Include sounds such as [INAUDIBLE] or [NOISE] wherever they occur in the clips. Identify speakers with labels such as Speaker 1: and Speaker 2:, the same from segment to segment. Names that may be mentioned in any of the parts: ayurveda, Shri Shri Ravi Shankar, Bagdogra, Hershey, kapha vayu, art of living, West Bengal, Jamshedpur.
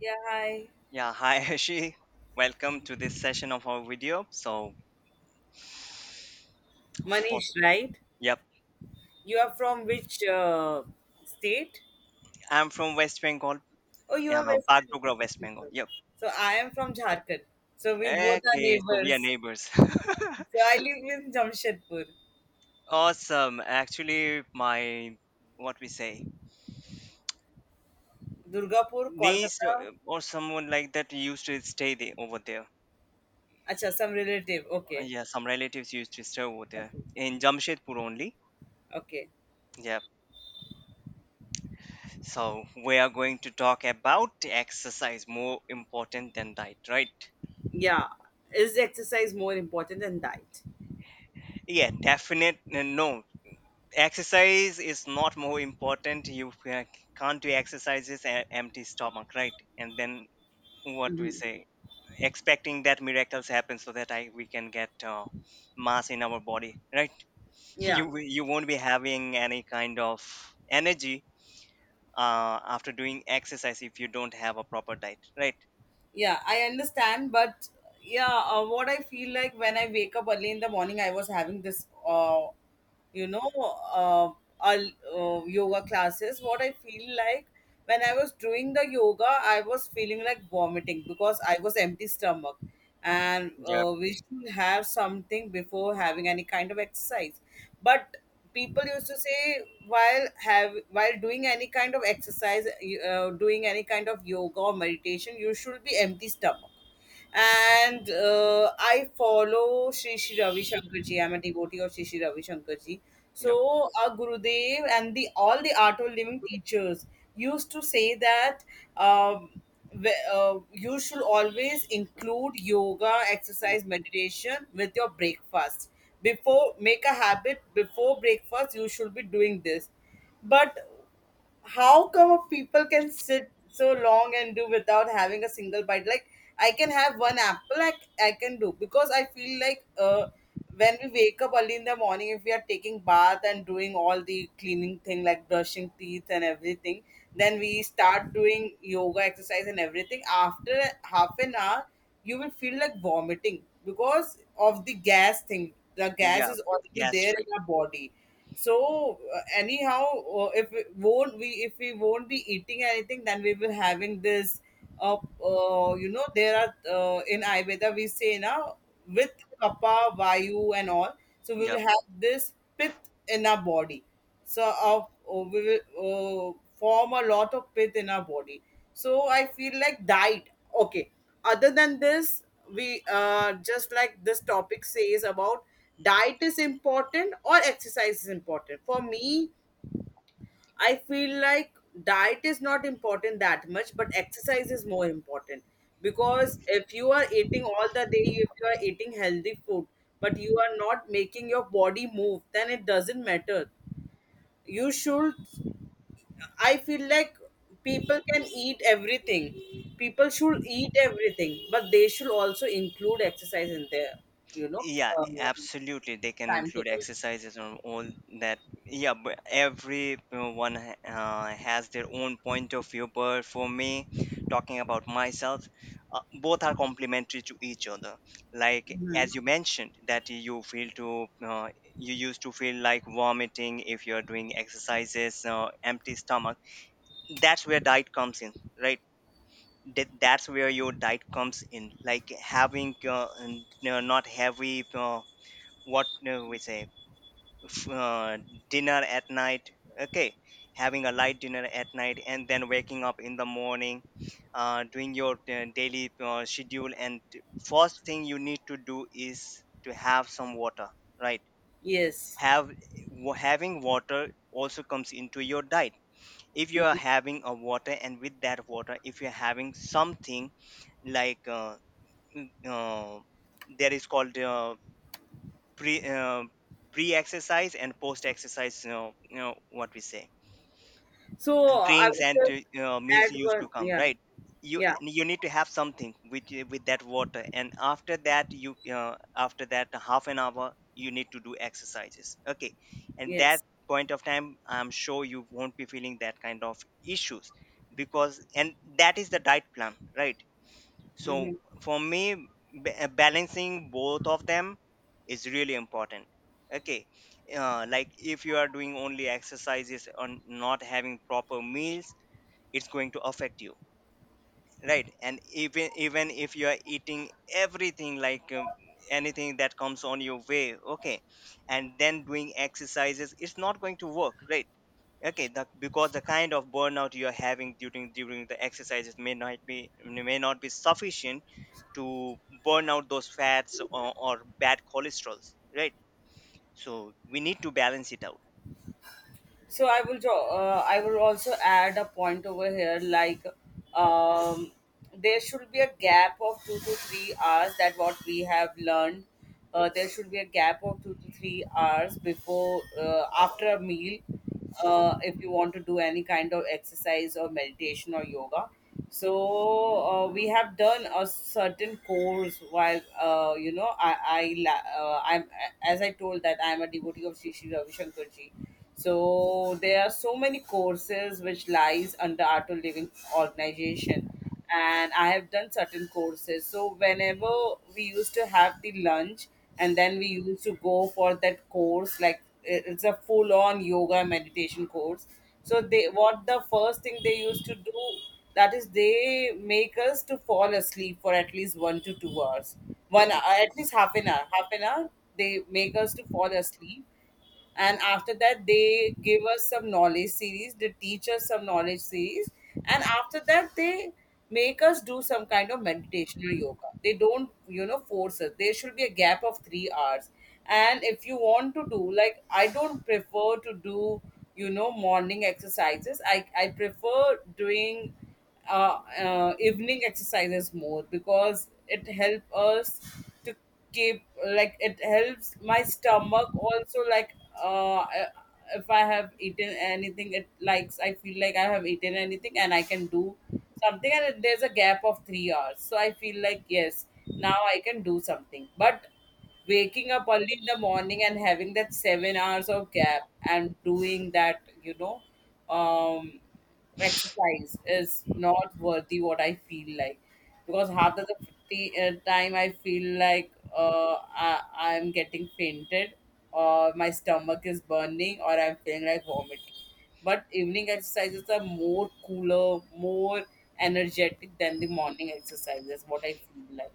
Speaker 1: Yeah, hi.
Speaker 2: Yeah, hi [LAUGHS] Hershey. Welcome to this session of our video. For,
Speaker 1: Manish, right?
Speaker 2: yep,
Speaker 1: You are from which state?
Speaker 2: I'm from West Bengal,
Speaker 1: Oh, you are Western
Speaker 2: Bagdogra, West Bengal.
Speaker 1: people.
Speaker 2: Yep.
Speaker 1: So I am from Jharkhand. So we both are
Speaker 2: Okay, so we are
Speaker 1: neighbors.
Speaker 2: neighbors. [LAUGHS]
Speaker 1: So I live in Jamshedpur,
Speaker 2: Awesome. Actually, my what we say
Speaker 1: Durgapur,
Speaker 2: niece,
Speaker 1: Kolkata.
Speaker 2: or someone like that, used to stay there over there.
Speaker 1: Acha, some relative. Okay.
Speaker 2: Yeah, some relatives used to stay over there
Speaker 1: Okay.
Speaker 2: in Jamshedpur only.
Speaker 1: Okay.
Speaker 2: Yep. So we are going to talk about exercise more important than diet, right?
Speaker 1: Yeah. Is exercise more important than diet?
Speaker 2: Yeah, definite. No, exercise is not more important. You can't do exercises at empty stomach, right? And then what we
Speaker 1: hmm
Speaker 2: say, expecting that miracles happen so that I we can get mass in our body, right? [LAUGHS]
Speaker 1: Yeah.
Speaker 2: You won't be having any kind of energy after doing exercise if you don't have a proper diet, right?
Speaker 1: Yeah, I understand but yeah what I feel like, when I wake up early in the morning, I was having this you know uh, yoga classes. What I feel like, when I was doing the yoga, I was feeling like vomiting, because I was empty stomach, and
Speaker 2: Yep.
Speaker 1: we should have something before having any kind of exercise. But people used to say, while have— While doing any kind of exercise, doing any kind of yoga or meditation, you should be empty stomach. And I follow Shri Shri Ravi Shankar ji. I'm a devotee of Shri Shri Ravi Shankar ji.
Speaker 2: Yep.
Speaker 1: So our Gurudev and the all the Art of Living teachers used to say that. Um, you should always include yoga, exercise, meditation with your breakfast. Before— make a habit, before breakfast you should be doing this. But how come people can sit so long and do without having a single bite? Like, I can have one apple. I can do, because I feel like, when we wake up early in the morning, if we are taking bath and doing all the cleaning thing like brushing teeth and everything, then we start doing yoga, exercise and everything after half an hour, you will feel like vomiting because of the gas thing. The gas
Speaker 2: Yeah.
Speaker 1: is already there
Speaker 2: Gastric.
Speaker 1: in our body. So anyhow, if we won't— we if we won't be eating anything, then we will having this uh, you know, there are in ayurveda we say now, with kapha vayu and all, so we will
Speaker 2: Yep.
Speaker 1: have this pit in our body. So we will form a lot of pit in our body. So I feel like diet, okay, other than this, we just like this topic says about, diet is important or exercise is important. For me, I feel like diet is not important that much, but exercise is more important, because if you are eating all the day, if you are eating healthy food, but you are not making your body move, then it doesn't matter. You should— I feel like, people can eat everything. People should eat everything, but they should also include exercise in their, you know,
Speaker 2: Yeah,
Speaker 1: um,
Speaker 2: absolutely. They can include
Speaker 1: timetable.
Speaker 2: exercises on all that. Yeah, but every has their own point of view. But for me, talking about myself, both are complementary to each other. Like
Speaker 1: hmm
Speaker 2: as you mentioned, that you used to feel like vomiting if you are doing exercises, empty stomach. That's where diet comes in, right? That's where your diet comes in, like having, not heavy, what we say f- dinner at night. Okay, having a light dinner at night and then waking up in the morning, doing your daily schedule. And first thing you need to do is to have some water, right?
Speaker 1: Yes.
Speaker 2: have Having water also comes into your diet. If you are
Speaker 1: Mhm.
Speaker 2: having a water, and with that water if you're having something like, mm, uh, there is called pre uh, pre exercise and post exercise, you know what we say,
Speaker 1: So I
Speaker 2: drinks
Speaker 1: would
Speaker 2: and
Speaker 1: just
Speaker 2: meals
Speaker 1: add
Speaker 2: used to
Speaker 1: one.
Speaker 2: come,
Speaker 1: Yeah.
Speaker 2: right? You
Speaker 1: Yeah.
Speaker 2: need to have something with that water, and after that you after that half an hour you need to do exercises. Okay, and that
Speaker 1: Yes.
Speaker 2: point of time I'm sure you won't be feeling that kind of issues, because, and that is the diet plan, right? So
Speaker 1: Mhm.
Speaker 2: for me, balancing both of them is really important. Okay, like if you are doing only exercises or not having proper meals, it's going to affect you, right? And even if you are eating everything, like, anything that comes on your way, okay, and then doing exercises, it's not going to work, right? Because the kind of burnout you're having during the exercises may not be sufficient to burn out those fats or bad cholesterols, right? So we need to balance it out.
Speaker 1: So I will draw— I will also add a point over here, like, um, there should be a gap of 2 to 3 hours, that what we have learned. There should be a gap of 2 to 3 hours before— after a meal, if you want to do any kind of exercise or meditation or yoga. So we have done a certain course while, you know, I la— I'm, as I told, that I'm a devotee of Shri Shri Ravi Shankar ji. So there are so many courses which lies under Art of Living organization, and I have done certain courses. So whenever we used to have the lunch, and then we used to go for that course, like it— it's a full on yoga meditation course. So they, what the first thing they used to do, that is they make us to fall asleep for at least 1 to 2 hours. One— at least half an hour, half an hour they make us to fall asleep. And after that they give us some knowledge series, they teach us some knowledge series, and after that they make us do some kind of meditation or yoga. They don't, you know, force us. There should be a gap of 3 hours. And if you want to do, like, I don't prefer to do, you know, morning exercises. I prefer doing evening exercises more, because it helps us to keep, like, it helps my stomach also, like, uh I- if I have eaten anything, it likes— I feel like I have eaten anything, and I can do something, and it— there's a gap of 3 hours, so I feel like yes, now I can do something. But waking up early in the morning and having that 7 hours of gap and doing that, you know, um exercise is not worthy, what I feel like. Because half of the time I feel like, I'm getting fainted, or my stomach is burning, or I'm feeling like vomiting. But evening exercises are more cooler, more energetic than the morning exercises, what I feel like.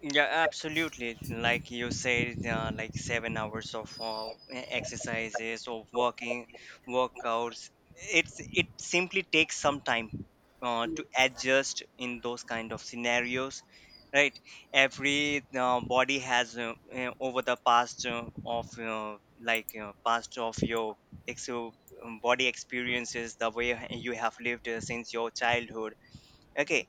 Speaker 2: Yeah, absolutely. Like you said, like 7 hours of exercises or working workouts. It simply takes some time to adjust in those kind of scenarios, right? Every body has, over the past of like past of your ex- uh, body experiences, the way you have lived since your childhood. Okay,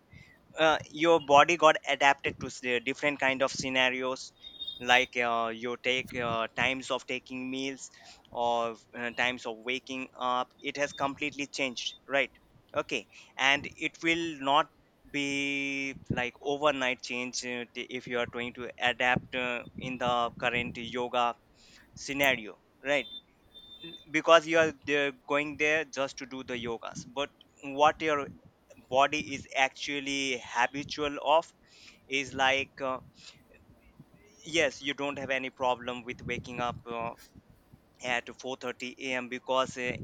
Speaker 2: your body got adapted to the different kind of scenarios, like, you take times of taking meals or times of waking up, it has completely changed, right? Okay, and it will not be like overnight change, if you are trying to adapt in the current yoga scenario, right? Because you are there, going there just to do the yogas, but what your body is actually habitual of is like, yes, you don't have any problem with waking up at 4:30 a.m. because, uh,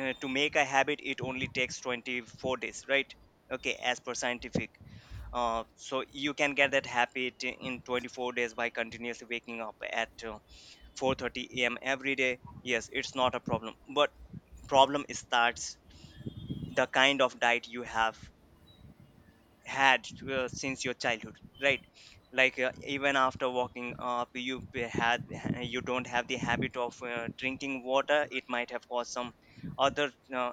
Speaker 2: uh, to make a habit it only takes 24 days, right? Okay, as per scientific, so you can get that habit in 24 days by continuously waking up at 4:30 a.m. every day. Yes, it's not a problem, but problem starts the kind of diet you have had since your childhood, right? Like, even after walking up you had, you don't have the habit of drinking water, it might have caused some other, uh,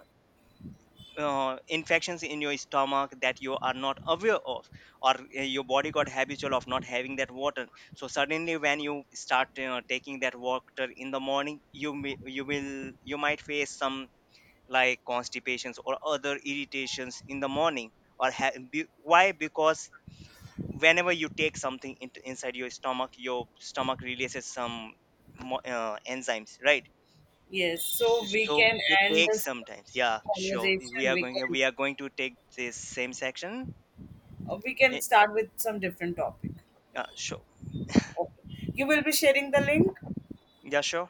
Speaker 2: uh, infections in your stomach that you are not aware of, or your body got habitual of not having that water. So suddenly when you start taking that water in the morning you will, you might face some like constipations or other irritations in the morning, or why, because whenever you take something into inside your stomach, your stomach releases some enzymes, right?
Speaker 1: Yes, so we
Speaker 2: So
Speaker 1: can
Speaker 2: it
Speaker 1: end
Speaker 2: takes
Speaker 1: this
Speaker 2: sometimes. Yeah, sure,
Speaker 1: conversation.
Speaker 2: we are going, to take this same section.
Speaker 1: We can
Speaker 2: Eh,
Speaker 1: start with some different topic.
Speaker 2: sure.
Speaker 1: Okay. You will be sharing the link.
Speaker 2: Yeah, sure.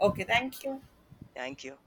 Speaker 1: Okay, thank you.
Speaker 2: Thank you.